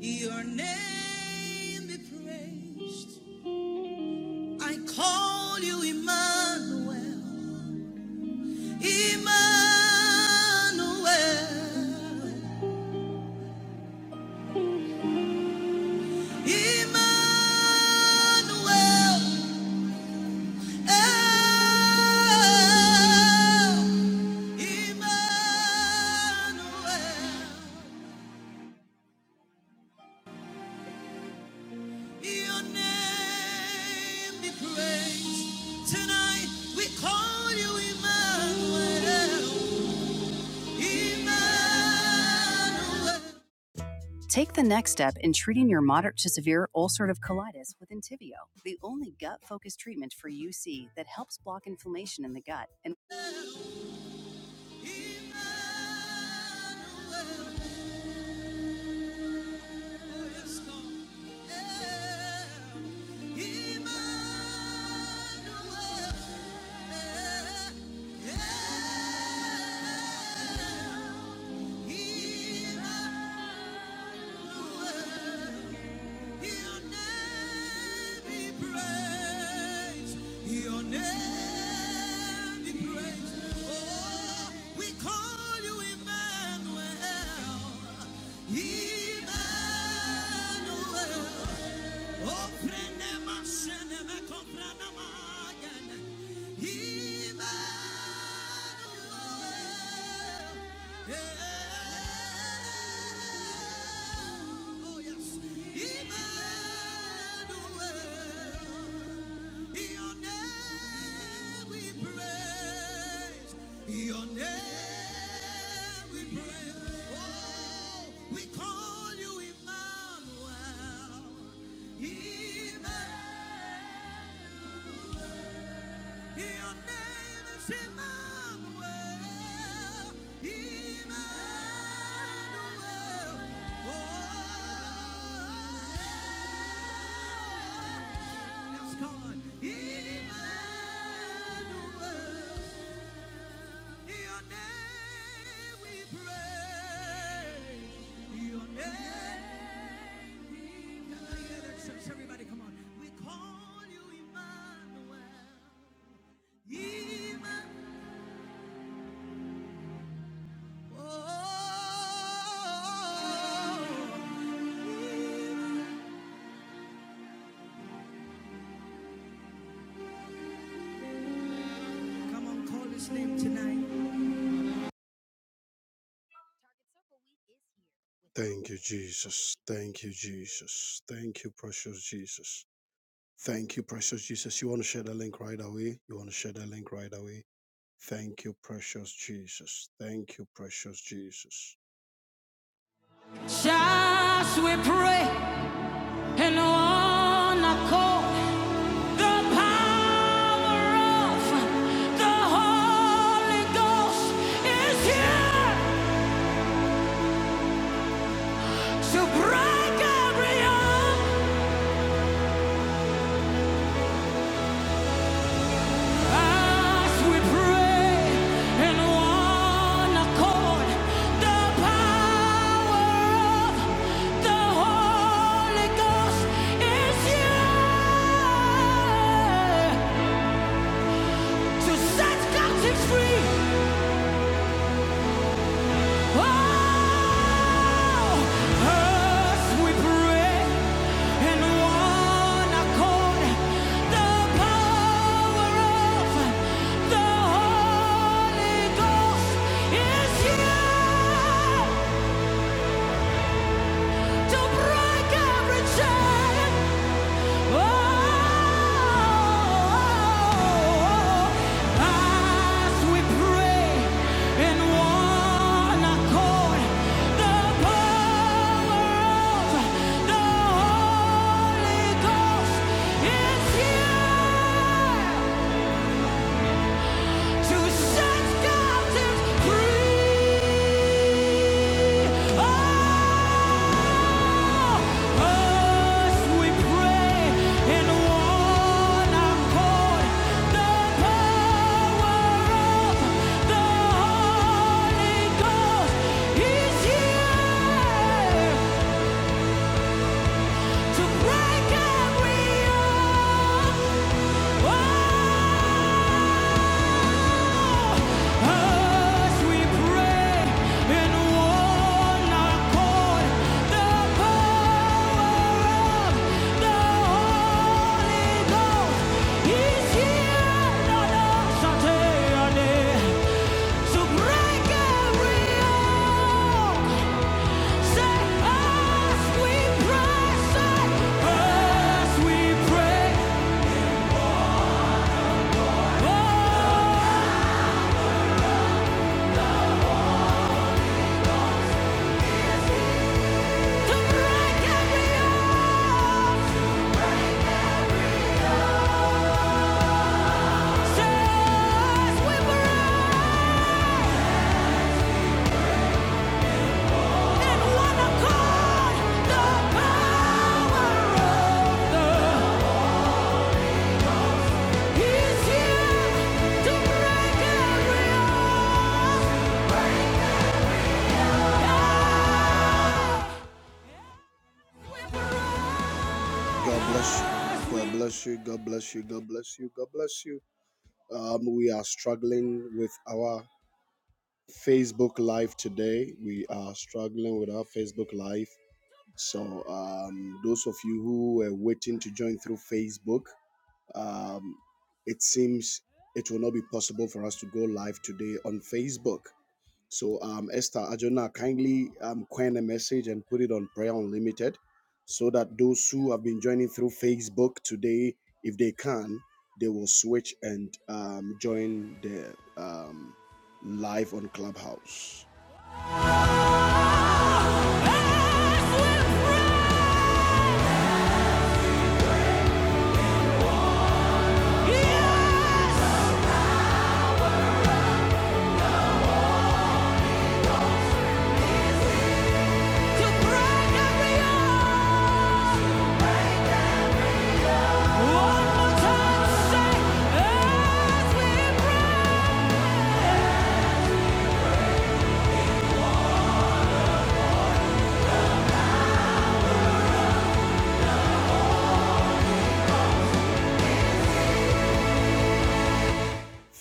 Your name be praised. I call you Emmanuel. Emmanuel. Emmanuel. El. Emmanuel. Your name be praised. Tonight we call you Emmanuel. Emmanuel, Emmanuel, yes, God. Yeah. Emmanuel, yeah, yeah. Emmanuel. Your name be praised. Your name be praised. Oh, we call you Emmanuel. Emmanuel. Ofrenema sheneme kopranama gene. Emmanuel. Eh. Oh, yes. Emmanuel. Your name we praise. Your name we praise. Oh, we call you Emmanuel. Emmanuel. Your name is Emmanuel. Emmanuel. Oh let on. Emmanuel, your name we pray. Your name we pray. Everybody, come on. We call you Emmanuel. Emmanuel. Come on, call his name tonight. Thank you, Jesus. Thank you, Jesus. Thank you, precious Jesus. Thank you, precious Jesus. You want to share the link right away? You want to share the link right away? Thank you, precious Jesus. Thank you, precious Jesus. Just we pray in one accord. The power of the Holy Ghost is here to break every yoke. As we pray in one accord, the power of the Holy Ghost is here to set captives free. To break every chain yeah! To such captives free. Oh, us we pray in one accord. The power of the Holy Ghost is here to break every yoke. Oh, as we pray, oh. God bless you. God bless you. God bless you. God bless you. God bless you. Um, we are struggling with our Facebook Live today. We are struggling with our Facebook Live. So, um, those of you who were waiting to join through Facebook, um, it seems it will not be possible for us to go live today on Facebook. So, um, Esther Ajona, kindly um, coin a message and put it on Prayer Unlimited so that those who have been joining through Facebook today, if they can, they will switch and um, join the um, live on Clubhouse.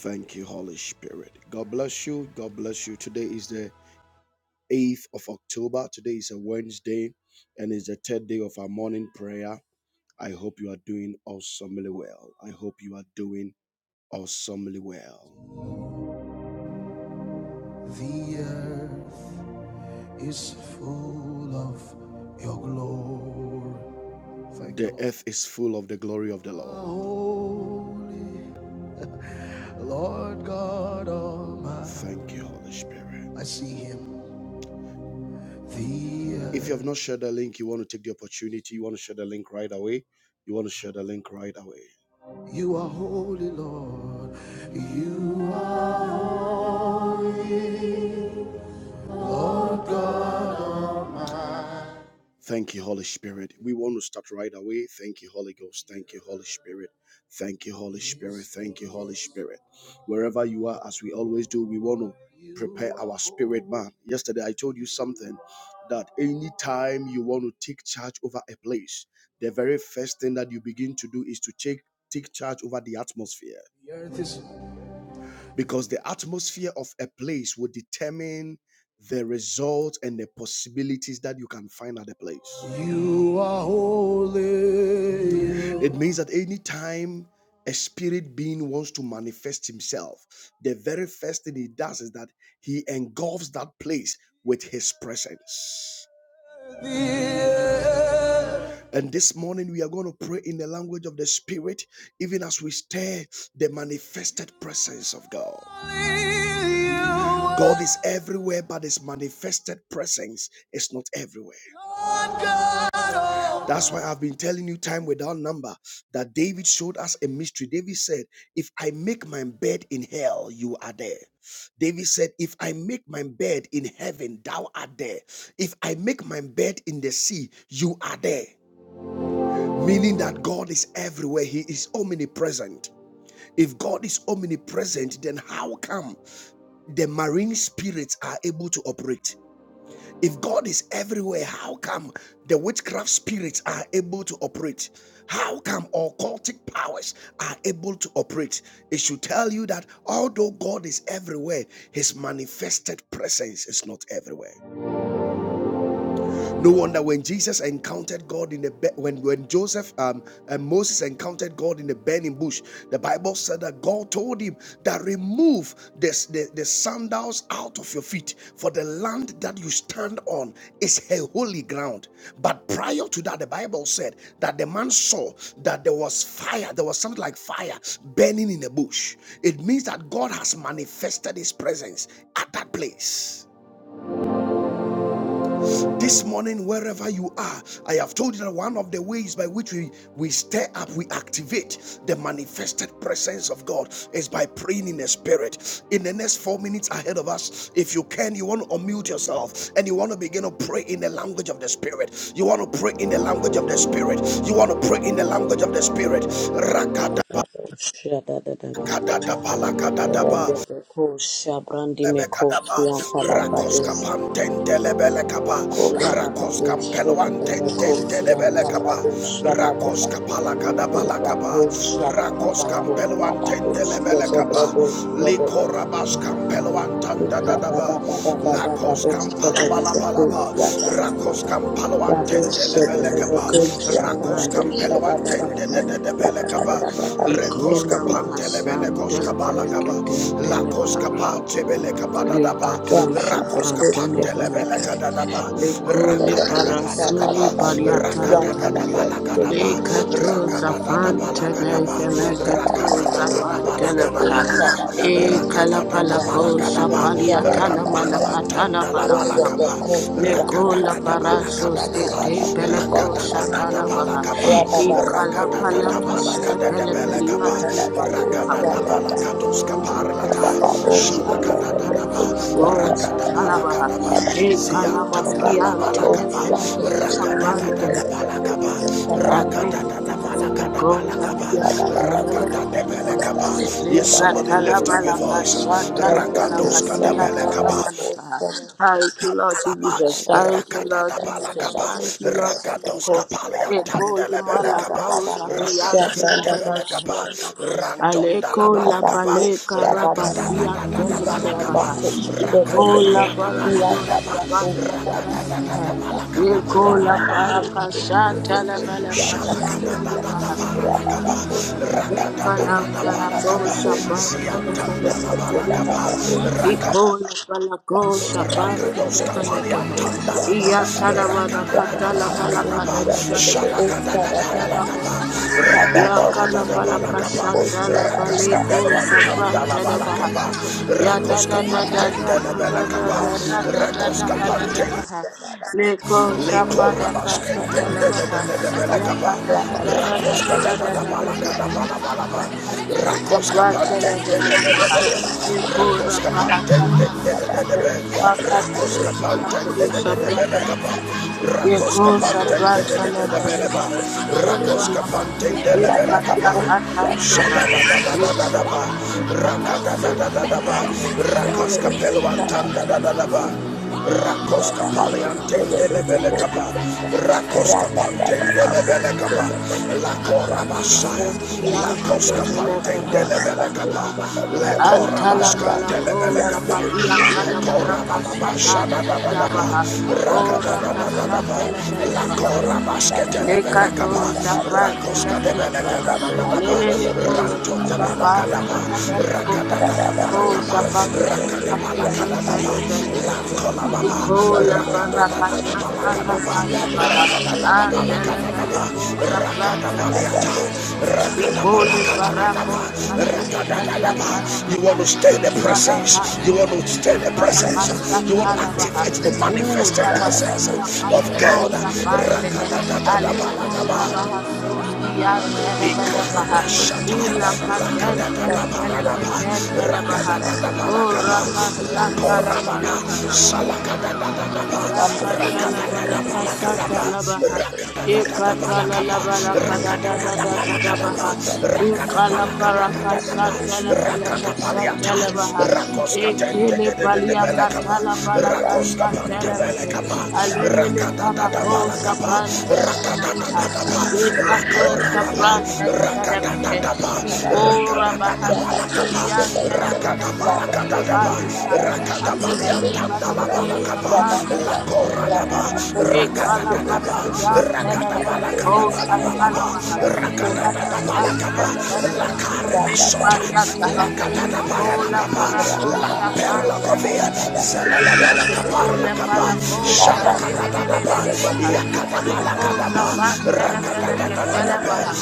Thank you, Holy Spirit. God bless you. God bless you. Today is the 8th of October. Today is a Wednesday and it's the third day of our morning prayer. I hope you are doing awesomely well. I hope you are doing awesomely well. The earth is full of your glory. Thank the you, earth is full of the glory of the Lord. Holy Lord God Almighty. Thank you, Holy Spirit. I see Him. The if you have not shared the link, you want to take the opportunity, you want to share the link right away. You want to share the link right away. You are holy, Lord. You are. Thank you, Holy Spirit. We want to start right away. Thank you, Holy Ghost. Thank you, Holy Spirit. Thank you, Holy Spirit. Thank you, Holy Spirit. Wherever you are, as we always do, we want to prepare our spirit, man. Yesterday, I told you something that anytime you want to take charge over a place, the very first thing that you begin to do is to take, take charge over the atmosphere. The earth Because the atmosphere of a place will determine the results and the possibilities that you can find at the place. You are holy. It means that any time a spirit being wants to manifest himself, the very first thing he does is that he engulfs that place with his presence. And this morning we are going to pray in the language of the Spirit, even as we stare the manifested presence of God. God is everywhere, but His manifested presence is not everywhere. That's why I've been telling you time without number that David showed us a mystery. David said, If I make my bed in hell, you are there. David said, If I make my bed in heaven, thou art there. If I make my bed in the sea, you are there. Meaning that God is everywhere, He is omnipresent. If God is omnipresent, then how come the marine spirits are able to operate? If God is everywhere, how come the witchcraft spirits are able to operate? How come occultic powers are able to operate? It should tell you that although God is everywhere, His manifested presence is not everywhere. No wonder when Jesus encountered God in the when when Joseph um, and Moses encountered God in the burning bush, the Bible said that God told him that remove this, the the sandals out of your feet, for the land that you stand on is a holy ground. But prior to that, the Bible said that the man saw that there was fire, there was something like fire burning in the bush. It means that God has manifested His presence at that place. This morning, wherever you are, I have told you that one of the ways by which we, we stir up, we activate the manifested presence of God is by praying in the spirit. In the next four minutes ahead of us, if you can, you want to unmute yourself and you want to begin to pray in the language of the spirit. You want to pray in the language of the spirit. You want to pray in the language of the spirit. Rakadaba, Shadadadaba. kadadaba, lakadadaba. Rebebeko shabrandi meko Lebekadaba, fianta la Rakoska bradosa. Pantente Lebelekaba, Korabababo Rakoska Peluantente shebebeko fianta Lebelekaba, bradosa bababa. Rakoska Palakadaba Ibako Lakaba, shabababako Rakoska dabababo Peluantente Lebelekaba, shebebebo shebebe. Likorabaska Peluantanda Dadaba, Ibrababababababo Lakoska shebebeko Palabalabalaba, fianta Rakoska brado Paluantente Lebelekaba, shebebeko Kusha fianta Rakoska brantele bradosa fele bababa. Peluantente ketele fele baha. Debelekaba, Babababababo Rekoska Ikuna shebebeko. mahasan Pantelemenekoska tele fele Balakaba keten Daba, tele baha. Lakoska Pantebeleka Badadaba, Likato Rakoska Rababababo shabrantele fele shebebeko. Pantelebeleka kehe. Dadaba, Liko li Rabba Rakadadaba parasuni Lakaba, paliatala baha. Rakadadaba Lakadaba, Likato Rakadadaba zafan tele Lakadaba, fele kato Rakadadaba zapan tele Lakadaba baha. Laba, E Rakadadaba kalapalako Lakadaba, shapaliatana manakatala Rampalawantanda Laba balakaha. Lakaba, Mekola Rakadadaba parasos kete peleko shatala Lakadadaba, baha palakapa, ikala rakatata palaka she palakatata pele pelia palakapa, tala manakaha rakatata palakatos mekola baha kaparlata, sondi antena shalakatata ba feleko rakata shatala baha palakata pa, ikala Thank maski ziantanda la antene palakapa, feleko rakatata shaprante palakapa, Thank you, rakatata palakata Lord Rakata rakatata palakapa. Yes, somebody lift up your voice. Rakatos katapelakapa, you. Tandalaba, Jesus. Thank you, Lord Jesus. Rakatadabalakapa, Thank you, Lord Jesus. Rakadoska Palian E coli Tandelebelekapa, malacosa fiante Rakadaska ne Debelekapa, Aleko la Rantondalabalakapa, paleka rapasia Rakatadadabalakapa, telelekaha. Iko la parasos kapanta la velekaha. Iko la parakasha televelekasha Rakatadushalakatadadabalaka, Ikala parabo shapan Rabba telefoneke telebehe. Ikola palako shapan telefoneke he. Iya tanamana katala balaka da da da da da da da da da da babaha. Ya kala balaka Rakatadadabalakapa, shatala Rakaska baleko Beluan shapan telebaha. Tandalabalakapa, Ya da Rakoska da da da da da da da Pantendelebelekapa, da da da da da da da da Rakoska baha. Leko shapada Likorabas kashatala baha. Ya rakoska kata da da da da Rakos da da da da da katatapala da baha. katapala balaba. Katusha Rakos kwantele vele paha. kapantendelelelebe. Rakos Nikura paha katala paha. kapantendelelelebe. Rakos Makatili pala kurusha prantele kapantendelelelebelekapa. paha. Rakos Yekusha prantele vele kapantendelelelebeleba. paha. Rakos Ikola paskutili palia kapantendelelelebelekapa. katala paha. Shadadadadadadaba, rakadadadadadaba, Ike. rakaskapelo antandadadadaba, rakoskapale antendelebelekaba, rakoskapantendelebelekaba, lakorabasaya, Kulskiantele vele lakoskapantendelebelekaba, Antala malakoja lekorabaskantelebelekaba, fadia tana manaka shatala baha. lekorabababashadadadadaba, Ora rakadadadadadaba, kashatele vele lakorabasketele. Lekato shapranta Rakos nefeneke. Rebelekadabadababa, Alelele ko shapranta Rantotabalakadaba, nefeneko Rakadadadabalakaba, shapranta pranta Rakadabalakadadaba, nefeneke. Lantolababa, Ikola barakasanta la Rakadadadabalakadaba, valabaha. Atelevele Rakadadadabalakadadaba, ko shapranta Rakadabaliata, nefeneke. Ikole Rakadabalakadadadaba, barako satene Rakadadadaba. paliatana You want maha. to stay in the Ifala presence. You want kaso to stay in the presence. You want to Palakashatalabaha. activate the U manifested presence Ramaskia of Paleko God. Zafandehe. Aleko Rakadadadabalakaba. Rabahasoski yeah, Rakata Antenemenekaha. Thank U Lakaten Telefeleketen Delebaha. O Rakashatalabalakaha. La la la la la la la la balaka da da da da da da baha. ikala Rakatalabalakashatalabaha. Ikatalabalakadadadadadabaha. Ikalaparakashatalafelakashatalabaha. Rakata Rakoska Pantebele Ikilipaliakatalapalakashatalabahe. Kapa, Rakatata Palakapa, you. Aleleleparakoshapantelebelekaha. Rakatata Rabba Lakora Baba, Rakatata Lekatoshapantelebelekahe. La brando, Rakatata da da da Palakapa, Ikorabahasoskiyantelebelekahe. Rakata Melekom Palakatata, Shapanda, Rakata Alekin Paliantandala Balako Palakapa, Shapan Lakora Televeleke, Baba, Rakatata Ekalapastian Rakata Palakata Televeleko Palapalapa, Shatalamaha, Rakatata Rakatan Televeleke Sutili Paliataha, Kola parako shafan televeleke. Ikola palako da, shatene ne ne ne ne maha. da da da Riko da. sa pan In the mighty name of tene fene ke tele televeleke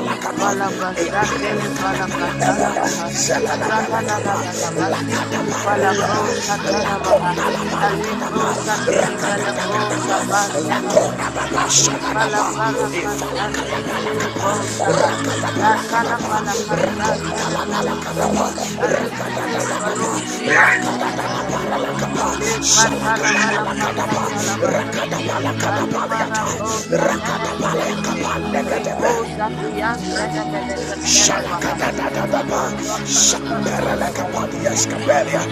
Ikalapashatele falakatala maha. Radadadadada basikili palako satana maha. Aleko satele palako sapantana mehe. Ikalaparakashatele feleko saha. Latala palakashatele felekehe. Aleke le baloski anta naleke le katala bala kasata la baha ikale marako satana feneke reko safi anta nameneke tele waha Shalakadadadadaba, ikarabasa tala Shamberelekapadiaskabelia,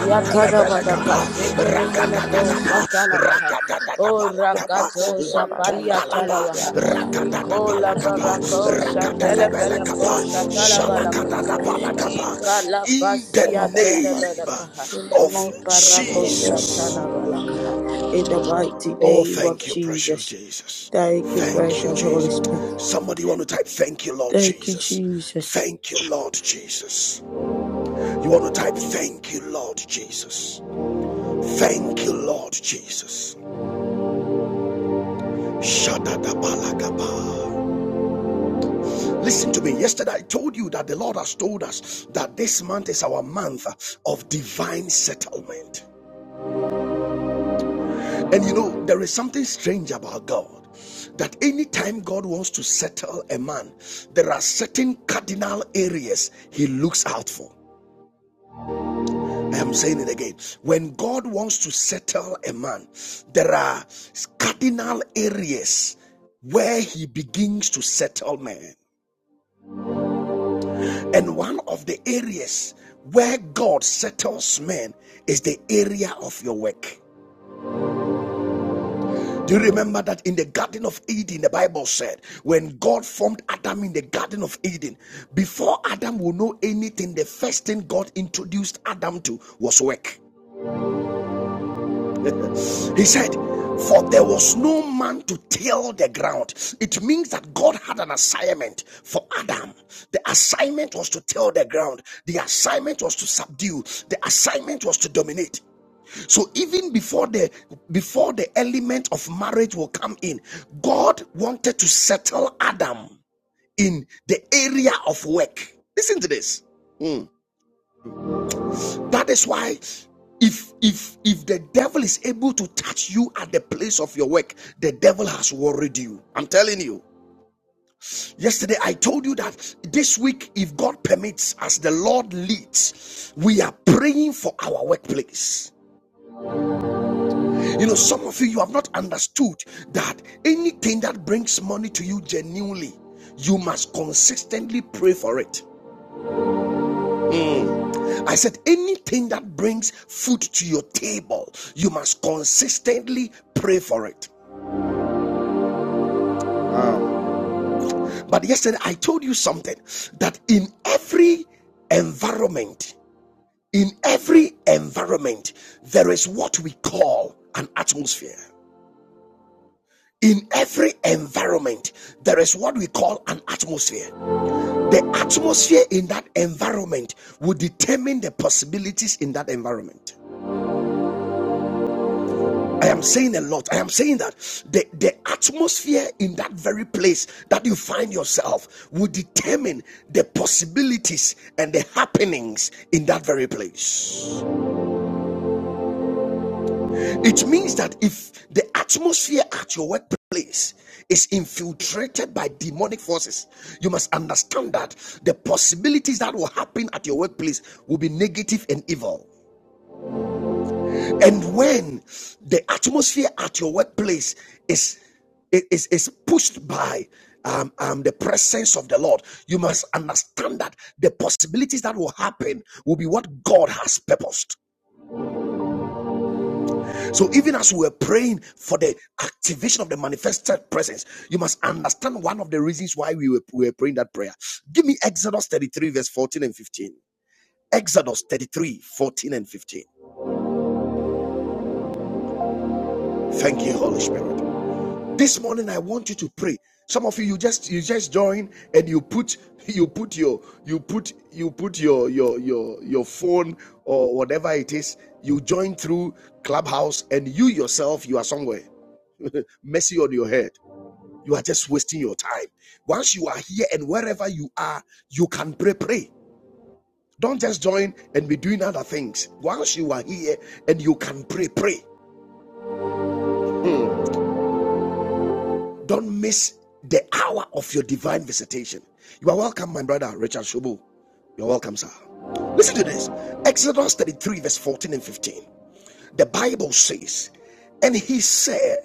Yatadabada kashetele felako Rakadadadaba, shatalabaha. O Rakadadadabalakapa, rakato shapalia Lantondalaba, talabaha. Ikola Rakadadabalakapa, barako shatele Rakatelebelekapa, felako shatalabalakaha. Shalakadadabalakapa. Ikala In the pasia name tedebelakaha. of Iparako the Lord, Jesus. shatalabalakaha. In the mighty Oh, name of thank you, precious Jesus. Jesus. Thank you, Thank you, precious Holy Jesus. Spirit. Somebody want to type, Thank you, Lord Thank you, Jesus. Jesus. Thank you, Lord Jesus. You want to type, Thank you, Lord Jesus. Thank you, Lord Jesus. Shadadabalagaba. Listen to me. Yesterday I told you that the Lord has told us that this month is our month of divine settlement. And you know, there is something strange about God that anytime God wants to settle a man, there are certain cardinal areas he looks out for. I am saying it again. When God wants to settle a man, there are cardinal areas where he begins to settle men. And one of the areas where God settles men is the area of your work. Do you remember that in the Garden of Eden, the Bible said, when God formed Adam in the Garden of Eden, before Adam would know anything, the first thing God introduced Adam to was work. he said, For there was no man to till the ground. It means that God had an assignment for Adam. The assignment was to till the ground, the assignment was to subdue, the assignment was to dominate. So even before the before the element of marriage will come in, God wanted to settle Adam in the area of work. Listen to this. Mm. That is why if if if the devil is able to touch you at the place of your work, the devil has worried you. I'm telling you. Yesterday I told you that this week if God permits as the Lord leads, we are praying for our workplace. You know, some of you, you have not understood that anything that brings money to you genuinely, you must consistently pray for it. I said, anything that brings food to your table, you must consistently pray for it. But yesterday, I told you something that in every environment, in every environment, there is what we call an atmosphere. In every environment, there is what we call an atmosphere. The atmosphere in that environment will determine the possibilities in that environment. I am saying a lot. I am saying that the, the atmosphere in that very place that you find yourself will determine the possibilities and the happenings in that very place. It means that if the atmosphere at your workplace is infiltrated by demonic forces, you must understand that the possibilities that will happen at your workplace will be negative and evil. And when the atmosphere at your workplace is is, is pushed by um, um, the presence of the Lord, you must understand that the possibilities that will happen will be what God has purposed. So even as we are praying for the activation of the manifested presence, you must understand one of the reasons why we were, we were praying that prayer. Give me Exodus 33, verse 14 and 15. Exodus 33, 14 and 15. Thank you, Holy Spirit. this morning i want you to pray some of you you just you just join and you put you put your you put you put your your your your phone or whatever it is you join through clubhouse and you yourself you are somewhere messy on your head you are just wasting your time once you are here and wherever you are you can pray pray don't just join and be doing other things once you are here and you can pray pray Don't miss the hour of your divine visitation. You are welcome, my brother Richard Shubu. You're welcome, sir. Listen to this Exodus 33, verse 14 and 15. The Bible says, And he said,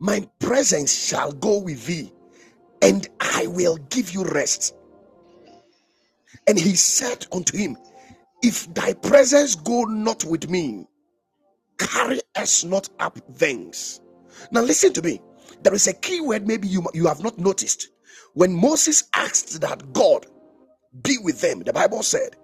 My presence shall go with thee, and I will give you rest. And he said unto him, If thy presence go not with me, carry us not up things. Now, listen to me. There is a key word maybe you, you have not noticed. When Moses asked that God be with them, the Bible said,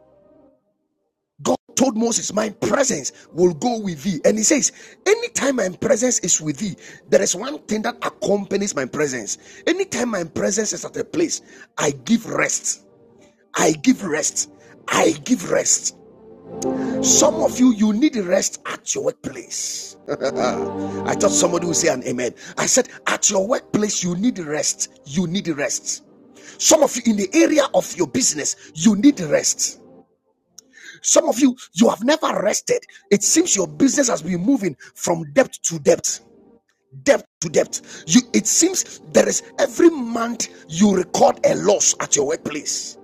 God told Moses, My presence will go with thee. And he says, Anytime my presence is with thee, there is one thing that accompanies my presence. Anytime my presence is at a place, I give rest. I give rest. I give rest. Some of you, you need rest at your workplace. I thought somebody would say an amen. I said, at your workplace, you need rest. You need rest. Some of you in the area of your business, you need rest. Some of you, you have never rested. It seems your business has been moving from depth to depth, depth to depth. You, it seems there is every month you record a loss at your workplace.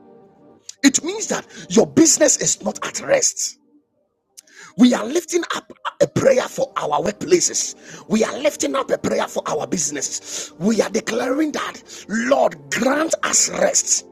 It means that your business is not at rest. We are lifting up a prayer for our workplaces. We are lifting up a prayer for our businesses. We are declaring that, Lord, grant us rest.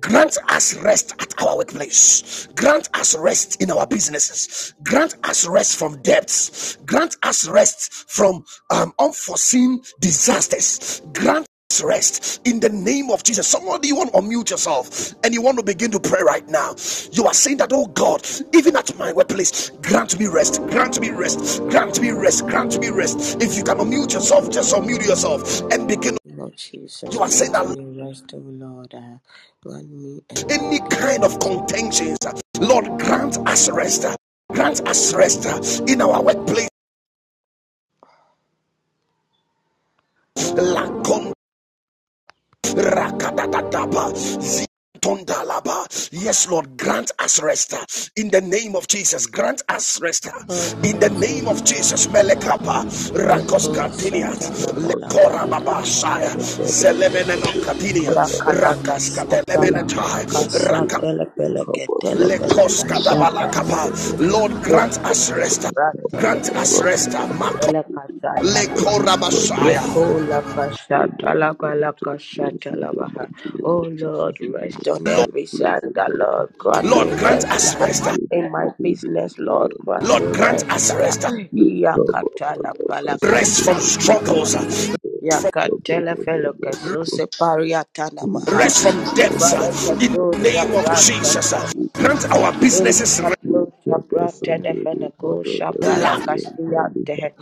Grant us rest at our workplace. Grant us rest in our businesses. Grant us rest from debts. Grant us rest from um, unforeseen disasters. Grant rest in the name of Jesus. Somebody, you want to unmute yourself and you want to begin to pray right now. You are saying that, oh God, even at my workplace, grant me rest, grant me rest, grant me rest, grant me rest. If you can unmute yourself, just unmute yourself and begin. Lord Jesus, You are saying grant that me rest, O Lord. uh, grant me and my any kind of business. contentions, Lord, grant us rest, grant us rest in our workplace. Rakatatataba. Yes, Lord, grant us rest uh, in the name of Jesus. Grant us rest uh, Lord, in the grant name me of Jesus. rest. Uh, Melekapa, Rakos Leko shata Katiniat, la bala Lekora kada da da da Babashaya, da da bala Zelemeneno kaha. Katinia, Ya kala Rakas basata la bala Katelemenetai, kasha Raka, tele pele ke tele Lekos pele Holy Katabalakapa. Lord, grant us Yekosa rest. uh, prata da Grant fele us rest. uh, ketele Mako, fele kasha talabaha. Lekora Bashaya. Yekola pasha And um, talabala grant us kasha yours in the talabaha. mighty name Oh of Lord, Jesus, even rest at on Lord, our every side, place, O the Lord. Lord, grant Lord, me Lift grant up rest. us us ah. rest. and uh, do the In my people that business, today Lord, and grant uh, Lord, me lift grant up rest. us us. ah. rest. Lift up our Iyakatala love pala us and rest do kasha from the talabaha. struggles, people uh, and uh, lift up Yakatele our fele up. us. kesuse pariatana maha. Sunday, rest from debts uh, Ufale in the ketusa name of Jesus. uh. prata Grant our Eli businesses Elikato sabra tenefeneko shabala relax. kastiyante.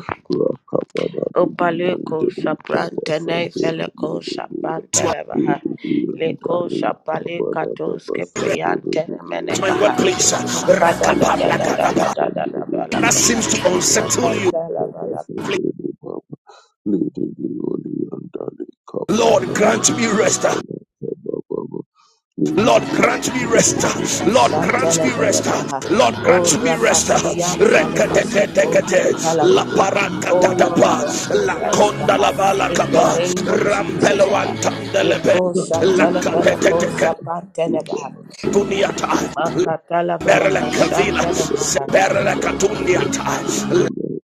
Opaleko sabran tenefeleko shabran You are telebaha. Leko shabale katos kepriyan at my tenemenekaha. workplace. uh, Makada Thank da da you, da Lord. da da da da da That balakaha. seems to unsettle you. Makakala Lord, grant me rest. uh. Lord, grant me rest. uh. Lord, grant Kashatele me fele rest. uh. kaha. Lord, O grant me rest. uh. rapaskiam fale masleko Rekatetetekete. La satalabaha. Oh Lord, parakatadapa. grant me La rest konda aha. la in the balakapa. name of Jesus. Rampelo aha. antandelebe. Eko shatele fele ko sapantele In the baha. mighty name of Duniata, Jesus, Makatala bala Grant Berle me Kavila, rest, O kashatele Lord. baha. Zeberle Grant my Katundiata, weakness, O let's Lord.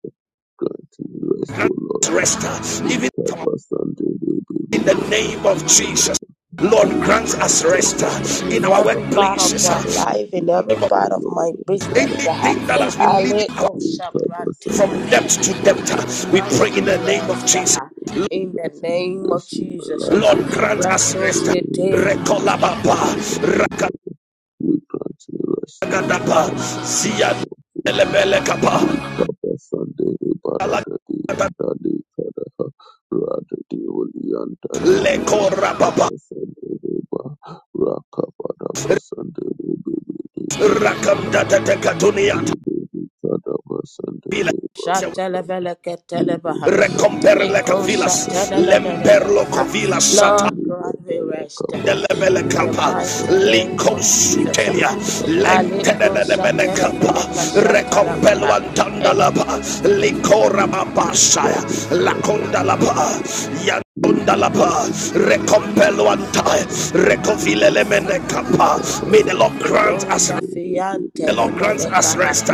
Grant me rest, O Lord. rest, even Nikaba sande de de de in the anda name of Jesus. de Lord, might be the grant Nikaba us ba rest uh, ba ba in In our ba. every part of workplaces. my uh, life, in every So part of Lord, my and business, I for her. go Anything that has been Lord. leading our Aleko Nikaba from sande de depth to Shabrantelevelekeha. depth, de uh, we anda Grant pray in me de the name of rest, for that Jesus. her. in the you name of bless in my Jesus. for life, O Lord, her. grant Lord. us rest. Rasoskete Uh, pray Rekolababa, that, O Lord, we grant me rest on Rakagadaba, the mighty Zian, name of Jesus. The Lebelekaba, Papa Sunday, Barada di Alagadaba, Andali Kadaha, Rada di Uli Andali Bidi, Papa Lekorababa, Sunday, Reba, Raka Padaba Sunday, Bidi, Rakam data Andali, dekatunia Bidi, Kadaba Sunday, tapila. Baba. Shateleveleketelebaha. Liberty Recomperle Halianda Leko cavilas, shatana Likada na na na Sande na lemperlo shatananananamaha. covilas sata. Lord grant me Ligadala rest Kapa uh, Delebele in the Sande kapa, Baba mighty Lada name liko of Jesus. sutelia, uh. Likabara Sande Aleko lentenene mene Liberty kapa, shatanefeneka Halianda Likada recompelo shatalabaha. antanda And laba, liko rababa saya, Kapa lakonda Sande laba, Liberty yanonda laba, Halianda recompelo antai, Likada Sande recovile le mene kapa. Baba May the Lada Lord Kapa grant Leko us Sande zafiyan The Lord Liberty grants us telemenekaha. rest.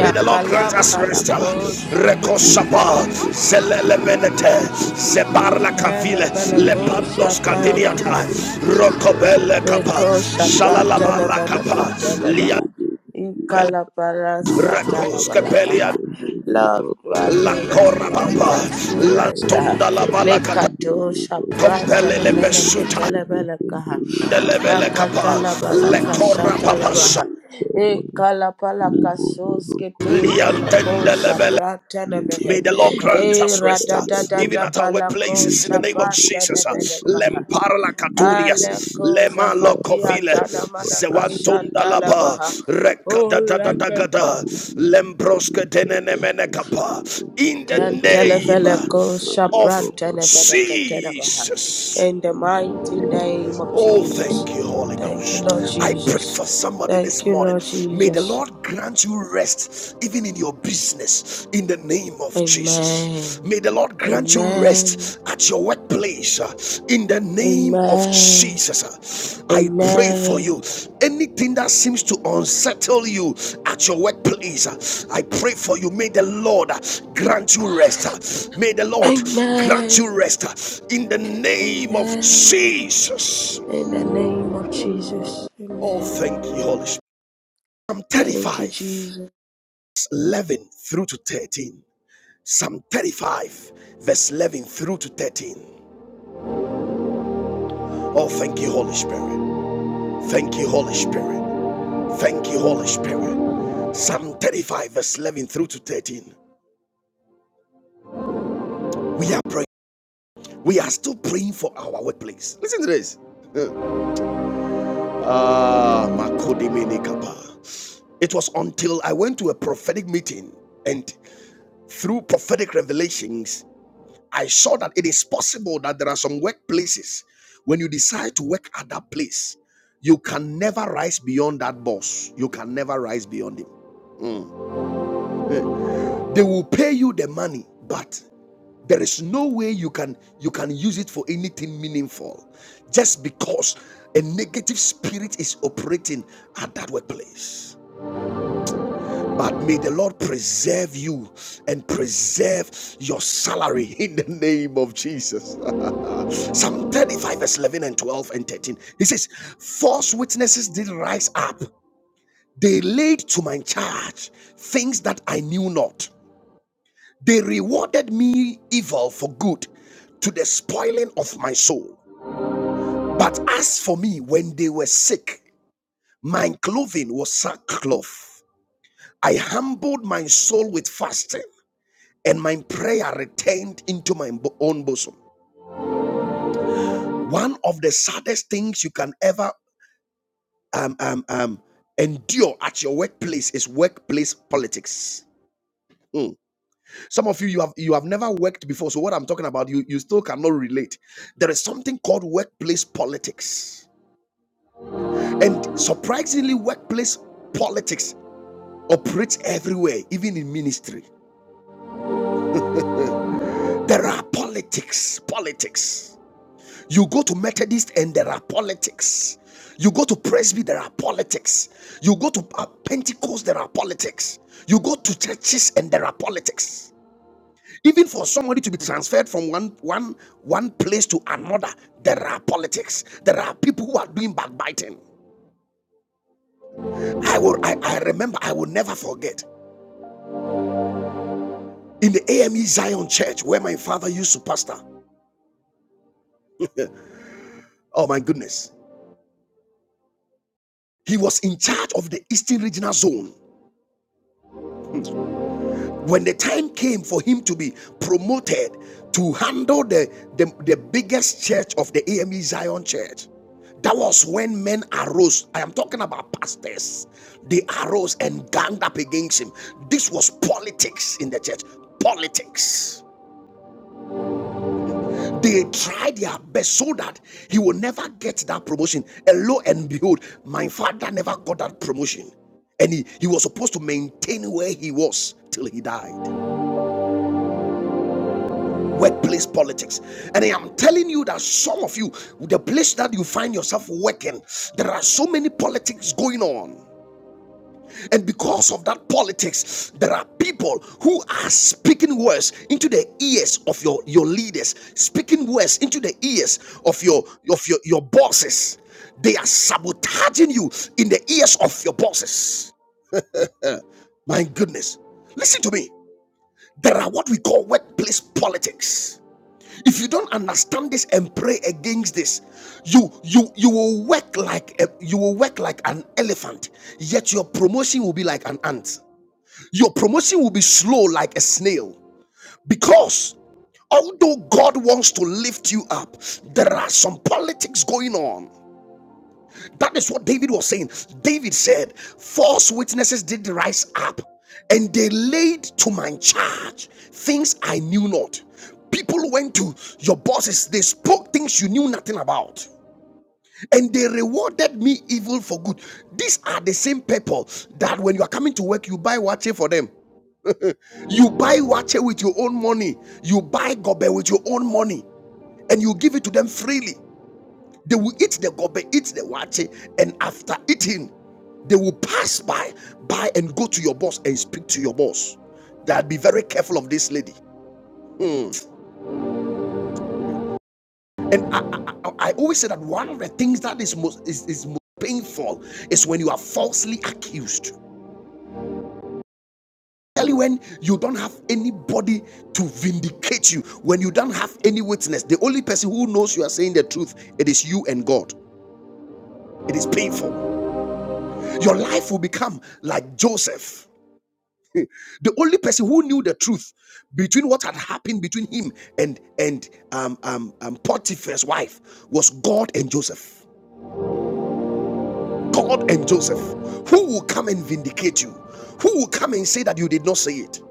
May the Lord grant Baba us rest. Lada palakosha. Recoshaba, Zelelemenete, Zebarla Cavile, Lepandos Telepelekosha talabaha. Cadiniata, Rocobele Capa, Leko shaprata Shalalabala Capa, nevenekatelebaha. Liabele, Ikala parasa Recoscapelia, talabalakaha. Lord, grant La me rest. Lord, papa grant me rest. ah. Lantunda la Balacata, Lekato shaprata Compelele Besuta, nevenekatelebelekaha. Delebele Makata Capa, Le labalaka Corababasa, shatalabaha. Ikala palaka soskete peleko Thank Liantende you. Lebele. shaprata Holy nevehe. May the Lord E grant us rest, uh, even ratatatata at our palako workplaces, in the name of shaprata Jesus. uh, nevelekaha. Lemparla katunias, Aleko lema zafatia lokovile, tana mana kashata zewantundalaba, labaha. Oh, leke. rekadadadadagada, lembroske denenemenekapa. In the Ten name telefeleko shapran of telefeleke and the telebaha. Jesus. In the mighty name of name of Oh, Jesus. Jesus. thank you, Holy Thank you, Ghost. Lord I pray Jesus. for somebody this Thank you, morning. Lord May the Jesus. Lord grant you rest, even in your business, in the name of Jesus. Amen. May the Lord grant you Amen. rest at your workplace, uh, in the name of Amen. Jesus. Uh, I pray for Amen. you. Anything that seems to unsettle you at your workplace, uh, I pray for you. May the Lord uh, grant you rest. uh, May the Lord grant Amen. you rest uh, in the name of Amen. Jesus. In the name of Jesus. Oh, Amen. thank you, Holy Spirit. Psalm Thank you, 35, Jesus. 11 through to 13. Psalm 35, verse 11 through to 13. Oh, thank you, Holy Spirit. Thank you, Holy Spirit. Thank you, Holy Spirit. Psalm 35, verse 11 through to 13. We are praying. We are still praying for our workplace. Listen to this. Uh, Ah, Makodimini Kappa. It was until I went to a prophetic meeting and through prophetic revelations I saw that it is possible that there are some workplaces when you decide to work at that place, you can never rise beyond that boss. You can never rise beyond him. Mm. Eh, They will pay you the money, but there is no way you can you can use it for anything meaningful just because a negative spirit is operating at that workplace. But may the Lord preserve you and preserve your salary in the name of Jesus. Psalm 35, verse 11 and 12 and 13. He says, False witnesses did rise up. They laid to my charge things that I knew not. They rewarded me evil for good to the spoiling of my soul. But as for me, when they were sick, my clothing was sackcloth. I humbled my soul with fasting, and my prayer returned into my own bosom. One of the saddest things you can ever um, um, um, endure at your workplace is workplace politics. Hmm. Some of you you have you have never worked before, so what I'm talking about you you still cannot relate. There is something called workplace politics, and surprisingly, workplace politics operates everywhere, even in ministry. There are politics, politics. You go to Methodist and there are politics. You go to Presby, there are politics. You go to uh, Pentecost, there are politics. You go to churches and there are politics. Even for somebody to be transferred from one, one, one place to another, there are politics. There are people who are doing backbiting. I will I, I remember, I will never forget. In the AME Zion Church, where my father used to pastor, oh my goodness, he was in charge of the Eastern Regional Zone. Hmm. when the time came for him to be promoted to handle the, the, the biggest church of the AME Zion church, that was when men arose. I am talking about pastors. They arose and ganged up against him. This was politics in the church. Politics. They tried their best so that he will never get that promotion. And lo and behold, my father never got that promotion. And he, he was supposed to maintain where he was till he died. workplace politics. And I am telling you that some of you, the place that you find yourself working, there are so many politics going on. And because of that politics, there are people who are speaking words into the ears of your, your leaders, speaking words into the ears of your of your, your bosses. They are sabotaging you in the ears of your bosses. My goodness. Listen to me. There are what we call workplace politics. if you don't understand this and pray against this you you you will work like a, you will work like an elephant yet your promotion will be like an ant your promotion will be slow like a snail because although god wants to lift you up there are some politics going on that is what David was saying. David said, False witnesses did rise up, and they laid to my charge things I knew not. People went to your bosses, they spoke things you knew nothing about, and they rewarded me evil for good. These are the same people that when you are coming to work, you buy watch for them. You buy watch with your own money, you buy gobe with your own money, and you give it to them freely. They will eat the gobe, eat the wache, and after eating, they will pass by, by and go to your boss and speak to your boss. That be very careful of this lady. Hmm. And I, I, I always say that one of the things that is most is, is most painful is when you are falsely accused. Tell when you don't have anybody to vindicate you, when you don't have any witness, the only person who knows you are saying the truth, it is you and God. It is painful. Your life will become like Joseph. The only person who knew the truth between what had happened between him and and um, um, um, Potiphar's wife was God and Joseph. God and Joseph, who will come and vindicate you? Who will come and say that you did not say it?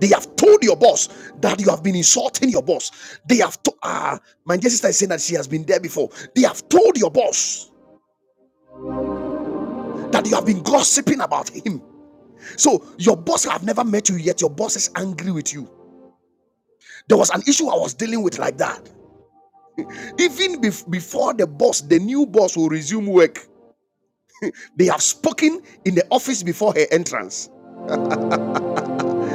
They have told your boss that you have been insulting your boss. They have told ah, my dear sister is saying that she has been there before. They have told your boss that you have been gossiping about him. So your boss have never met you yet. Your boss is angry with you. There was an issue I was dealing with like that. Even bef- before the boss, the new boss will resume work, they have spoken in the office before her entrance.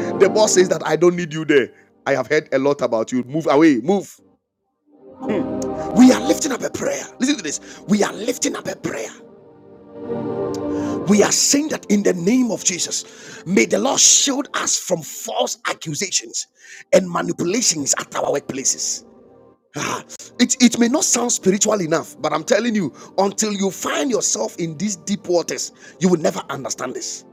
The boss says that I don't need you there. I have heard a lot about you. Move away, move. We are lifting up a prayer. Listen to this. We are lifting up a prayer. We are saying that in the name of Jesus, may the Lord shield us from false accusations and manipulations at our workplaces. Ah, It, it may not sound spiritual enough, but I'm telling you, until you find yourself in these deep waters, you will never understand this.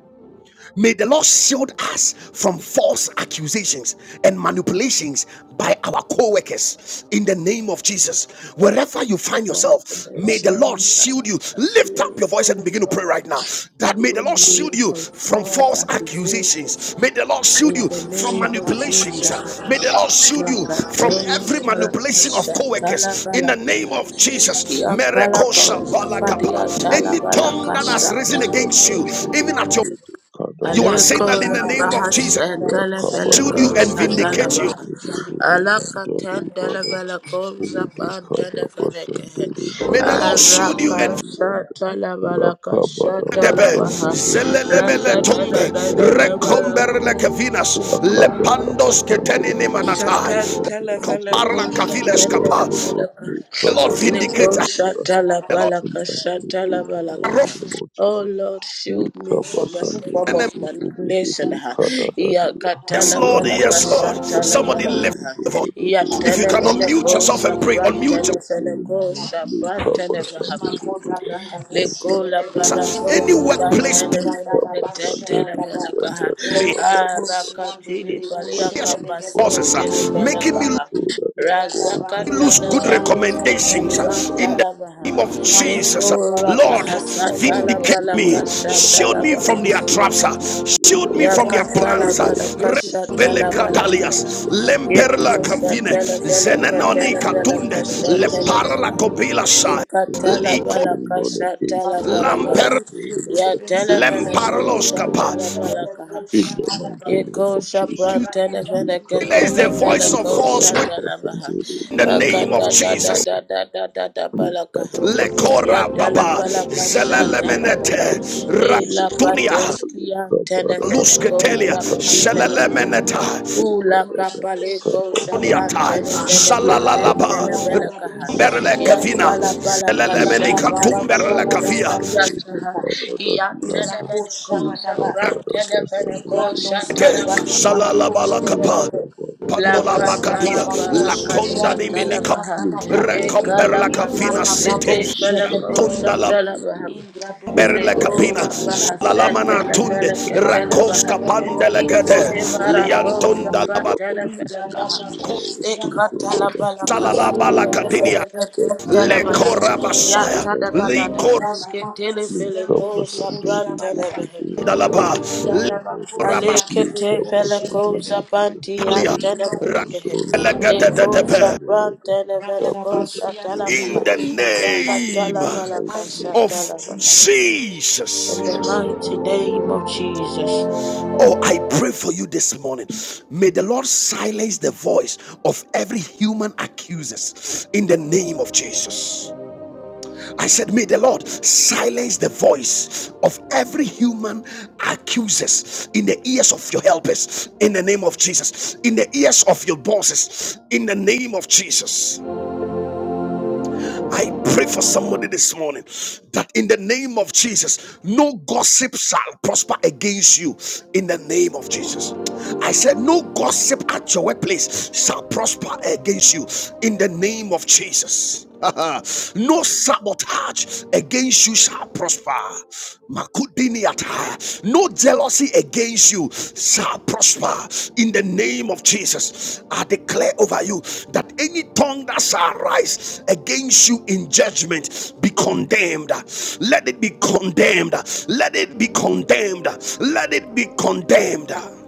May the Lord shield us from false accusations and manipulations by our co workers in the name of Jesus. Wherever you find Mother yourself, may the Lord blessings, shield you. Lift up your please, voice and oh begin to pray Lord, right now that may the Lord shield me shield you from from false false accusations. accusations. ah. May the Lord shield In you God, the we from name of manipulations. Jesus, shall May the Lord In shield the you name of from Makatona every Baraka manipulation of co Shatala workers in the name Balaka. of Jesus. Yampalaka Zafadia Tala Any Rakabada tongue that has risen Balaka against you, even at your you are Aleko saying that in the name of rabahas Jesus, shield you telefeleko and vindicate you. satalabaha. Alaka ten telefeleko zapan telefenekehe. May the Lord shield you Araka and satalabalaka Debe, satalabaha. Rata Zelelemele da da tombe, da da da rekomber like balako Venus, Lepandos ketenini manatai, Shatantalapalako, Comparla Oh kaviles Lord, kapa. oh Lord, shatantalapalaka. make The up Lord us Niko vindicates. and Shatala the come Lord to balaka, my aid in the shatalapalaka, arrow mighty name balaka. of Oh Jesus. Lord, shield me Likaba from every Sunday, form of manipulation. Kadadadi, Yes, Lord, Yakatalapalaka, yes, Lord. Rakabada Somebody Sunday, shatalapalaka. lift the voice. If and you can Daddy Yatanameleko, unmute Baba. yourself and pray, unmute Let me shaprantanefeneko, not Likaba shaprantanevaha. Sunday, and we Lekola get you, yourself. Any parakosa Lord. workplace, pantele fele Likaba Sunday, petentele fele and kaha. Daddy me, Baba. Baba. Arakatili In my palia yes, place, for it kapason causes, is so tele uh, Lord. fele making me kaha. Oh, that is going on, lose Razakatana Lord. good maliko recommendations uh, sabrata in the labaha. name of Jesus. uh, Leko Lord, rabahasa vindicate talabala me, kashata shield me labaha. from their Jesus, traps, uh, shield me from their Yakatala plans. uh, balaka shatala balaka. Ragadabakushebebebe, ha. Belecatalias, Lemperla Yekusa Cavine, tala balaka Zenenoni tala balaka Catunde, Riandabosebebebe, shatala Leparla baha. Copila Sai, Lekatala Lico Going balaka on against shatala me today, balaka. I ha. Lamper pray Lord, that you Yatala should Rabandabakuse, me balaka Lord, Lemparlos from Capa. shatala their place balaka. Thank ha. in the mighty Yeko name of shapran You Jesus. televele silence the ketelevele voice Likabasandere ko of Baba falsehood shatalabaha. Labasandere in the name Makata of da da Jesus. Beyanda da da da da da balakaha. lekora Yatala baba palaka shatalabaha. zelelemenete Ela ratunia patos kian televele ko lusketelia shapran televaha. shelelemeneta Ula kapale go shapan uniata telefele keten shalalalaba telefele kaha berle ya kavina tala pala kasha zelelemenika pale tumberle ko kavia zafadia kaha ya tene mene ko shapran telefele ko shatala rakete baha Sunday, shalalabala kapa la pandola katala bakadia para la konda kasha tala niminika baha e kala rekomberla kavina pasos kete city fele ko Yantunda la shatala baha Berle capina, Likura baha salamana setele tunde, fele ketele baha. rakoska pandele Ikune marakoza liantunda laba, fatele fele kaha. you. Ikatala bala salalaba In kasutele the catinia, fele ketele le baha. corabasaya, Yata da da da le da Jesus, baske tele Link fele up us kosa and daily, prantele baha. baby, and corandalaba, daddy, le cover, Lift Alekete up my fele center kosa with you. Lord. panti In the antele fele presence, O kehe. Lord, that you have Lekosa taken all of them. prantele I fele pray kosa that you tala will in baha. the challenge it and pray name in Yakatala the bala mighty mighty name kasa of name of of Jesus. Jesus. in Jesus. the mighty Thank name you, of Jesus. Jesus, Oh, I pray for you this morning. May the Lord silence the voice of every human accuser in the name of Jesus. I said, May the Lord silence the voice of every human accuser in the ears of your helpers in the name of Jesus, in the ears of your bosses in the name of Jesus. I pray for somebody this morning that in the name of Jesus, no gossip shall prosper against you. In the name of Jesus, I said, no gossip at your workplace shall prosper against you. In the name of Jesus. no sabotage against you shall prosper. Makudiniata. No jealousy against you shall prosper in the name of Jesus. I declare over you that any tongue that shall rise against you in judgment be condemned. Let it be condemned. Let it be condemned. Let it be condemned.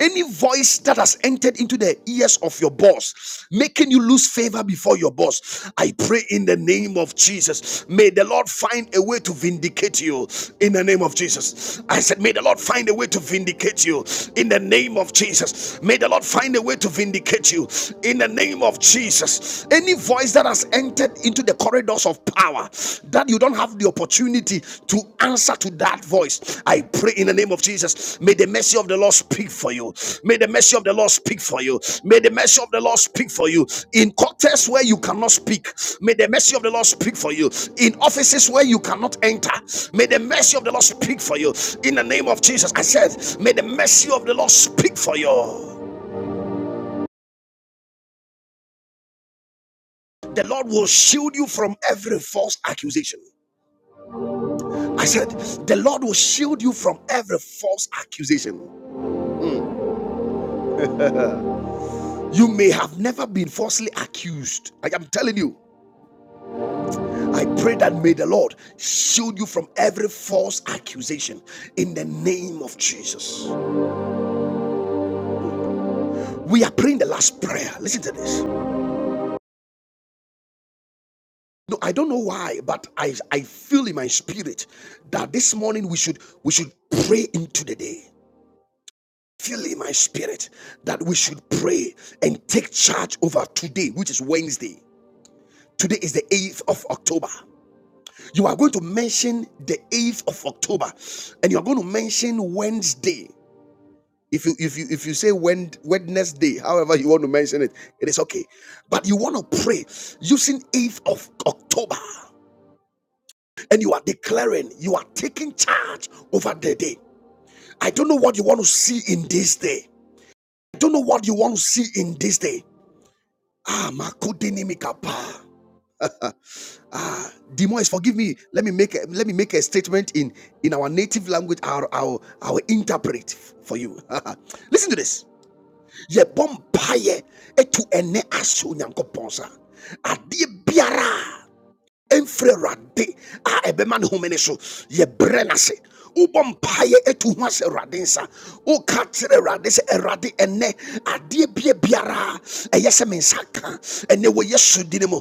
Any voice that has entered into the ears of your boss, making you lose favor before your boss, I pray in the name of Jesus. May the Lord find a way to vindicate you in the name of Jesus. I said, May the Lord find a way to vindicate you in the name of Jesus. May the Lord find a way to vindicate you in the name of Jesus. Any voice that has entered into the corridors of power, that you don't have the opportunity to answer to that voice. I pray in the name of Jesus. May the mercy of the Lord speak for you. May the mercy of the Lord speak for you. May the mercy of the Lord speak for you. In cocktails where you cannot speak, may the mercy of the Lord speak for you. In offices where you cannot enter, may the mercy of the Lord speak for you. In the name of Jesus, I said, may the mercy of the Lord speak for you. The Lord will shield you from every false accusation. I said, the Lord will shield you from every false accusation. You may have never been falsely accused. I am telling you. I pray that may the Lord shield you from every false accusation in the name of Jesus. We are praying the last prayer. Listen to this. No, I don't know why, but I, I feel in my spirit that this morning we should we should pray into the day feel in my spirit that we should pray and take charge over today, which is Wednesday. Today is the 8th of October. You are going to mention the 8th of October and you are going to mention Wednesday. If you if you if you say Wednesday, however you want to mention it, it is okay. But you want to pray using 8th of October and you are declaring you are taking charge over the day. I don't know what you want to see in this day. I don't know what you want to see in this day. Ah, Makudinimikapa. Ah, Demois, forgive me. Let me make a, let me make a statement in in our native language. I'll I'll, I'll interpret for you. Listen to this. Ye bompaye etu ene aso nyankopon sa. Adie biara ɛmfiri awurade a ebeman ne home ne so yɛbrɛ no ase wobɔ mpaeɛ ɛtu ho asɛ awurade biara ɛyɛ mensaka ene wo yesu din mu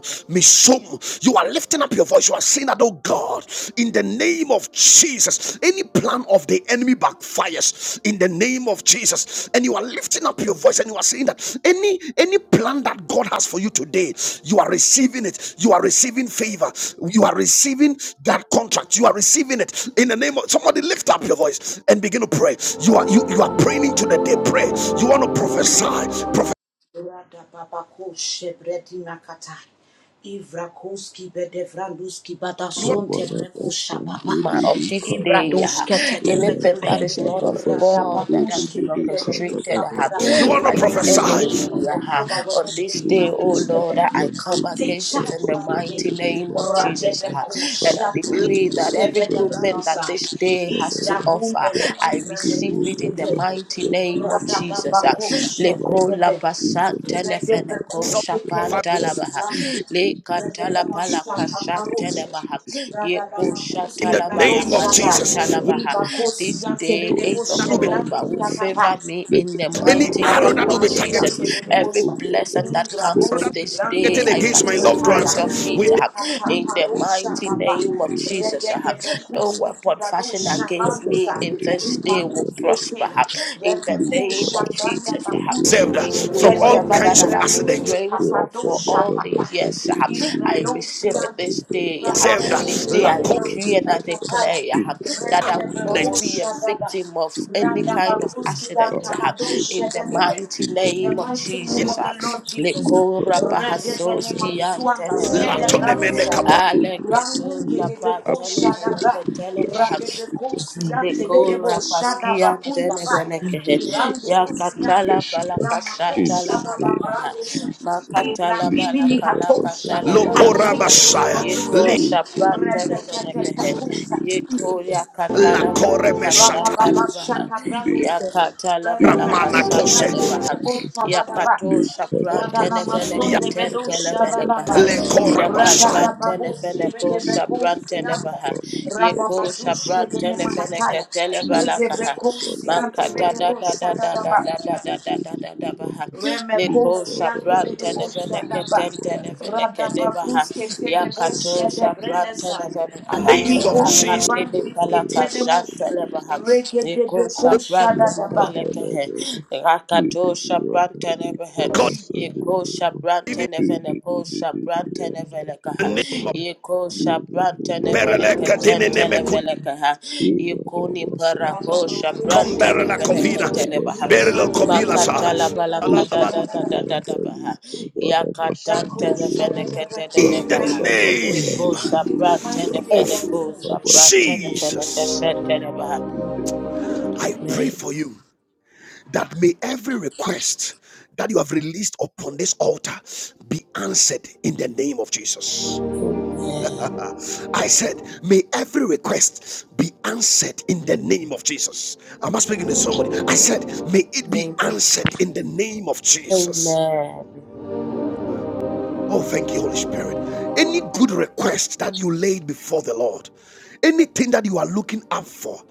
you are lifting up your voice you are saying that oh god in the name of jesus any plan of the enemy backfires in the name of Jesus. And you are lifting up your voice and you are saying that any any plan that God has for you today, you are receiving it. You are receiving favor. You are receiving that contract. You are receiving it in the name of somebody. Lift up your voice and begin to pray. You are you, you are praying into the day. Pray. You want to prophesy. Prophesy. Rada Radababakushe bredimakata. Ivrakuski bedevranduski you want badasonte Kabada prekusha baba. basande my of this day, uh, Ibradoske Lord, anything in tedebedebe. that is not of the God that has Radabakuski been name orchestrated pedeveduska uh, padaba. you want to by the And the prophesy. 8th of enemy uh, October, on this Wednesday, day, oh Lord, Baduskepe, uh, I I'll come take against it charge in the over the day. mighty name of Jesus, uh, and Radebekosha I decree dimini, that every good thing of sevedabranasa. that this Jesus, day the has Lord, to offer, Igragumbele that to I kumbre be, receive it in Lord, the veduskepe. the mighty name of goodness of Jesus. uh. the Radababakoshe deed Lekola bedebe. in the basante mighty name Redebe of nefene kuske Jesus. uh, I telebuski shapantalabaha receive lanta. the le goodness of Redebe the day katalapala in maswata the name of paroshe. kashatelebaha Jesus. Radada yeko And the in makuske the shatalabala name evil of bradoshaba. plans, O Jesus. Lord, kashatalabaha Iba uh, kosi be this yante day destroyed 8th That in bedeboshe will the be brandu October mighty will name of katapa. favor Jesus. me Let in the the any favor mighty of the arrow name that will Lord of be Ratanamazia targeted Jesus follow me, every O Kebedebosha. Lord. blessing uh, that Let comes the with Indragoski this day targeted grace Branguski I of against the my Lord loved uh, Bibiataya. ones. participate of uh, We it be ah, upon in me the Rekataparosha mighty in Baba. the name of name of Jesus ah. Jesus. no Regedebekuski weapon fashioned Tibadosha against Recover me Rambesa. in Sunday, this day day and will Imakuske Te. prosper God, huh, in the name Remekusha of Branda Likadabudi Jesus. and huh. Bakuske. saved the uh, This day, from all whatever that kinds I of have been Kabasandabia. Regedebekuske accidents. praying for for Papadosha all the Papa. years, huh, I Rakabadabasandabia. I receive it Ingradosiante. pray this for the day. huh. Saved uh, protection This Rabakuske day, of la I the Lord, O decree and I Lord, Bibiataya. declare huh, in the that I mighty will name of not accidents be a Regedebekosha Jesus. victim Baba. of Today, any Randa O kind of Lord, Bakuski I accident Yanta will huh, Bado hear in good the Shedadebe. news mighty in the In the name of name of mighty name in Jesus. of the huh. Jesus. Lord Jesus. Lekora Likababa, Rede de whatever Nema Pahasoski has been Suanda stolen la Shede has not Antenemenekehe. been tonemene Branuska. kapa progress Aleketo Ibrangu today. Shabat Kedebe I Ko pray for the Shadaba. progression of Radebe it Ko uh, in Siante the Bedebo Likura name of paskia Shadaba Kunda Jesus Bai. tenevenekehe. all Irande Do positive Sianta. Yakatala regression Ramako in balakashata the la Shadaba name of balakaha. Brandosha. Jesus. Igra Makatala Bimini balakala Hatosha. katala I lokora take balakaha. charge Likadabasandelebababaga, basaya of this Yiko li day. shapa Rede de de tenevenekehe. Katusa. Yiko likobobosandelebebebeanda. la All yakatala kore worries uh, Baba balakashata meshatai go la baba baha. on shaka brando today se. Yakatala Brada in na the ramana mighty kose balakashata name la of de baha. de bosa Jesus. bada Yakato shapa na mason ya teneveneke de ten bedo shaba Likadabasandelebabalababa. na televelekeha. ma. le Raga basaya. da babo se be de Tantelefeneko be kusianta. Shaprantenevaha, Raba Yeko badu ne mahataya. Rege be Shaprantenefenekatelebalakaha, kusiante be Makata de da da bosa da da da da da ba. da da da da da da da baha, Liko Remekosi ante de debo shadaba. Shaprantenevenekatentelevelekadebaha, Radabakus kete debo Yakato Sunday, shade brenesai. The Shaprantenevenekaha, name of Adimikoski Jesus. Akatili bandis kete Palaka demosa. Shantelevaha, Reke Niko debeko Shabranta shadadaba. Likabala Leveleke, Baba, Rakato Shabrante Lilipuandali Tenebehe, God, Yeko Kabasandeva, even Shapranten Eveneko Shapranten Liliandali Evelekaha, the name Kaba, of Yeko Shapranten Lilipuandali Berele Eveleka Katine Tenten Nemeku Evelekaha, Yeko Nimparako Ivarabasandeva, Radabakus Shapranten Komberela shadadaba. Eveneka Kovina Tenebaha. Likabasandeva, Berelo Likradosi Makatala ante Kobilasa. de debo balaka da da da shadadaba. da da da Liliandali baha. Yakatan Rakos Kabarabasandeva, telefeneke de de shadadabakus de In the baha. ante de debo. Yeko name. uh, In the shapran mighty name of of Rakadabadadadibuduriyandali tenefeneko Jesus. shapran Kabasandeva, tenefeneke Jesus. shetene baha. in the mighty name. I pray of Amen. for you that may every request that you have released upon this altar be answered in the name of Jesus. Amen. I said, may every request be answered in the name of Jesus. Am I speaking to somebody? I said, may it be Name of answered Jesus. in the name of Jesus. Amen. Oh, thank you, Holy Spirit. Any good request that you laid before the Lord, anything that you are looking up for,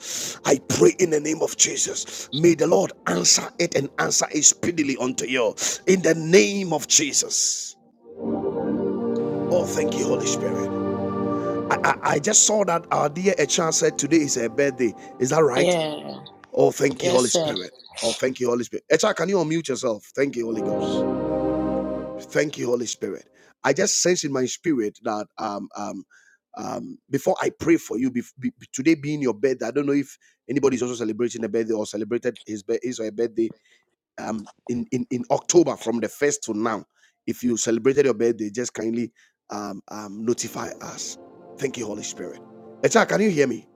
I pray in the name of Jesus. May the Lord answer it and answer it speedily unto you in the name of Jesus. Oh, thank you, Holy Spirit. I, I, I just saw that our dear Echa said today is her birthday. Is that right? Yeah. Oh, thank you, Yes, Holy sir. Spirit. Oh, thank you, Holy Spirit. Echa, can you unmute yourself? Thank you, Holy Ghost. Thank you, Holy Spirit. I just sense in my spirit that um um um before I pray for you, bef- be, today being your birthday, I don't know if anybody's also celebrating a birthday or celebrated his bir- his or her birthday um in, in in October from the first to now. If you celebrated your birthday, just kindly um um notify us. Thank you, Holy Spirit. Echa, can you hear me?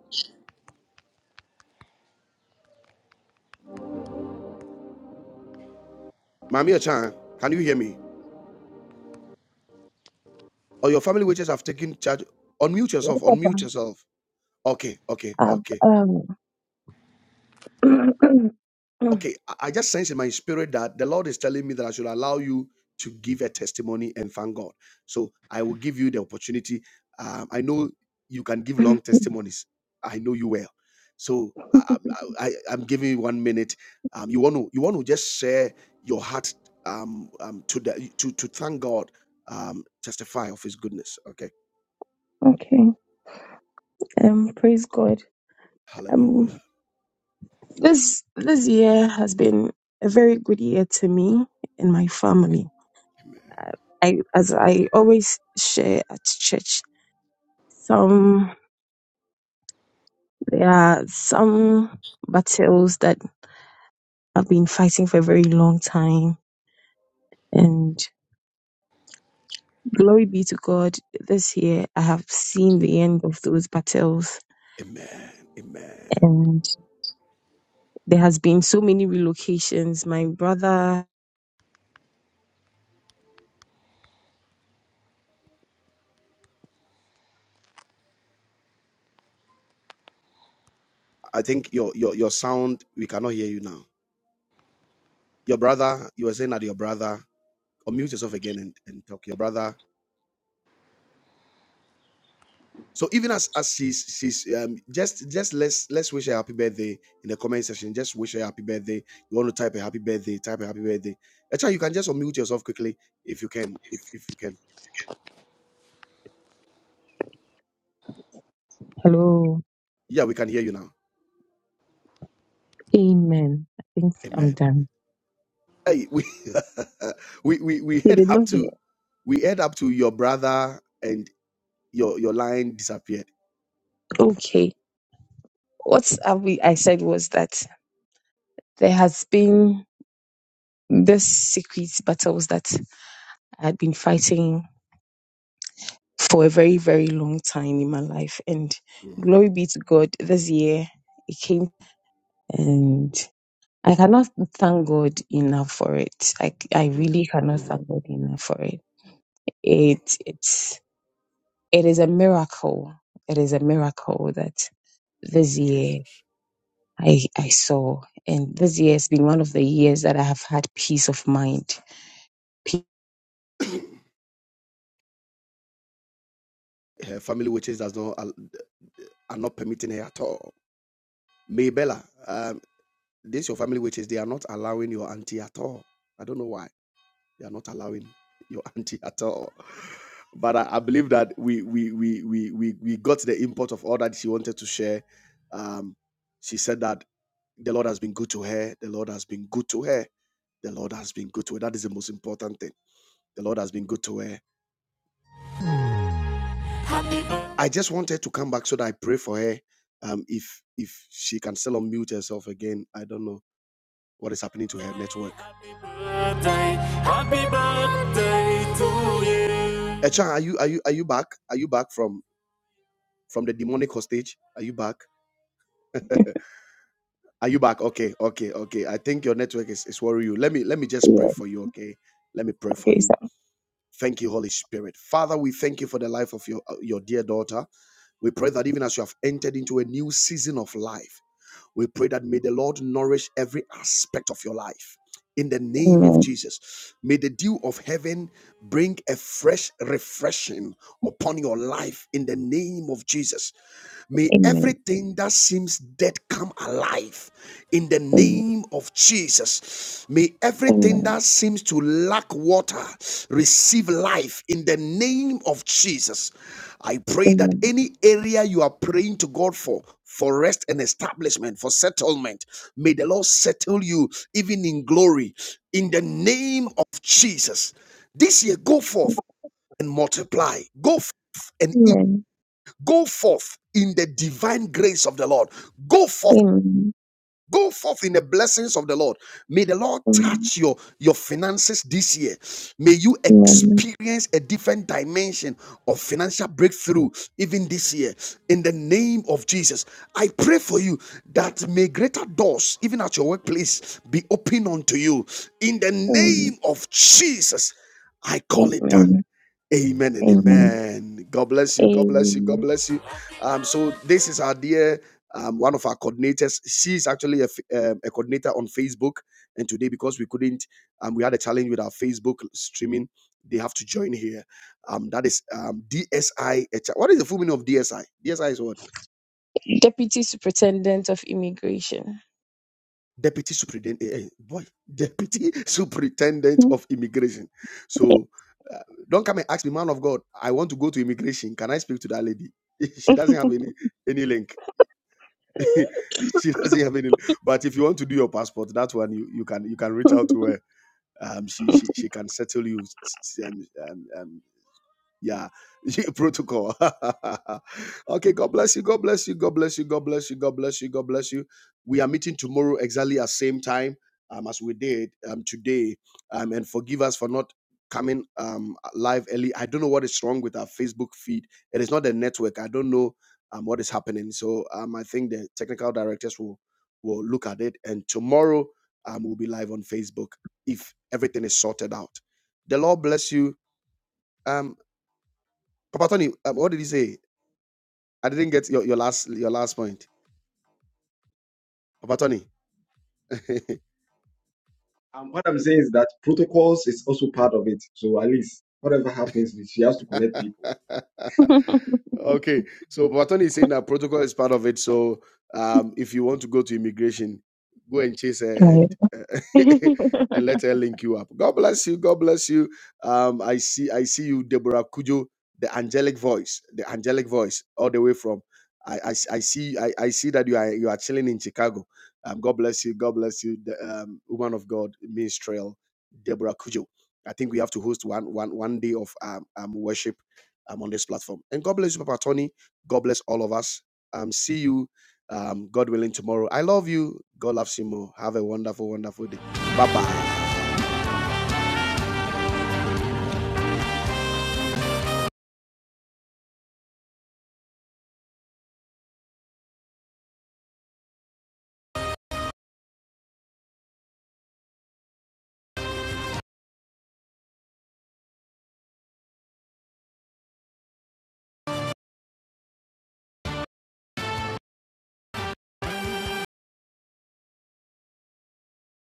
Mami Echa, can you hear me? Or your family witches have taken charge. Unmute Yes, yourself. Unmute Papa. yourself. Okay, okay, I've, okay. um, okay, I I just sense in my spirit that the Lord is telling me that I should allow you to give a testimony and thank God. So I will give you the opportunity. Um, I know you can give long testimonies. I know you well. So I, I, I- I'm giving you one minute. Um, you want to you want to just share your heart um, um, to the to to thank God, um, testify of His goodness. Okay, okay. Um, praise God. Hallelujah. Um, this this year has been a very good year to me and my family. Amen. Uh, I, as I always share at church, some there are some battles that I've been fighting for a very long time. And glory be to God, this year I have seen the end of those battles Amen. Amen. and. There has been so many relocations. My brother, I think your your your sound. We cannot hear you now. Your brother, you were saying that your brother, unmute yourself again and, and talk. Your brother. So even as as she's she's um just just let's let's wish her happy birthday in the comment section. Just wish her happy birthday. You want to type a happy birthday, type a happy birthday. Actually, you can just unmute yourself quickly if you can. If if you can. hello, Yeah, we can hear you now. amen. I think I'm Amen. done. Hey, we we, we we You head did not up hear. to we head up to your brother and. your your line disappeared. Okay. What have we, I said was that there has been this secret battles that I had been fighting for a very, very long time in my life. And Mm, glory be to God, this year it came and I cannot thank God enough for it. I, I mm, really cannot mm, thank God enough for it. mm. It it's It is a miracle. It is a miracle that Thank this you, year Jesus. I, I saw. And this year has been one of the years that I have had peace of mind. Peace. Her family witches does not al- are not permitting her at all. Maybella, um, this your family witches. They are not allowing your auntie at all. I don't know why. You are not allowing your auntie at all. But I, I believe that we we we we we we got the import of all that she wanted to share. Um, she said that the Lord has been good to her. The Lord has been good to her. The Lord has been good to her. That is the most important thing. The Lord has been good to her. I just wanted to come back so that I pray for her. Um, if if she can still unmute herself again, I don't know what is happening to her network. Happy birthday to you. Echa, are you are you are you back? Are you back from from the demonic hostage? Are you back? Are you back? Okay, okay, okay. I think your network is, is worrying you. Let me let me just pray Yeah. for you, okay? Let me pray for Okay, you. so Thank you, Holy Spirit. Father, we thank you for the life of your uh, your dear daughter. We pray that even as you have entered into a new season of life. We pray that may the Lord nourish every aspect of your life. In the name of amen, Jesus, may the dew of heaven bring a fresh refreshing upon your life. In the name of Jesus, May amen, everything that seems dead come alive in the amen, name of Jesus. May everything amen, that seems to lack water receive life in the name of Jesus. I pray that amen, any area you are praying to God for, for rest and establishment, for settlement, may the Lord settle you even in glory in the name of Jesus. This year, go forth and multiply. Go forth and increase amen, Go forth in the divine grace of the Lord. Go amen, forth. amen, Go forth in the blessings of the Lord. May the Lord amen, touch your, your finances this year. May you experience a different dimension of financial breakthrough even this year. In the name of Jesus, I pray for you that may greater doors, even at your workplace, be open unto you. In the amen, name of Jesus, I call it done. amen, Amen and amen. amen. God bless you. God bless you. God amen. bless you. Um, so this is our dear um, one of our coordinators. She's actually a, f- um, a coordinator on Facebook. And today, because we couldn't, um, we had a challenge with our Facebook streaming. They have to join here. Um, that is um, DSI. What is the full meaning of DSI? DSI is what? Deputy Superintendent of Immigration. deputy superintendent, eh, eh, boy, deputy superintendent of immigration. So uh, don't come and ask me, man of God, I want to go to immigration. Can I speak to that lady? she doesn't have any any link. she doesn't have any. But if you want to do your passport, that one you, you can you can reach out to her. Um, she she she can settle you um, um, um, yeah protocol okay god bless you god bless you god bless you god bless you god bless you god bless you we are meeting tomorrow exactly at same time um as we did um today um and forgive us for not coming um live early i don't know what is wrong with our facebook feed it is not the network i don't know um what is happening so um i think the technical directors will will look at it and tomorrow um we'll be live on facebook if everything is sorted out the lord bless you um Papa Tony, um, what did he say? I didn't get your, your last your last point. Papa Tony. Um, what I'm saying is that protocols is also part of it. So at least whatever happens, she has to connect people. okay. So Patton is saying that protocol is part of it. So um, if you want to go to immigration, go and chase her and uh, and let her link you up. God bless you. God bless you. Um, I see. I see you, Deborah Kujo, the angelic voice, the angelic voice, all the way from. I I I see I, I see that you are you are chilling in Chicago. Um, God bless you. God bless you, the um, woman of God, Ministerial Deborah Kujo. I think we have to host one one one day of um, um worship um, on this platform. And God bless you, Papa Tony. God bless all of us. Um, see you, um, God willing, tomorrow. I love you. God loves you more. Have a wonderful, wonderful day. Bye bye.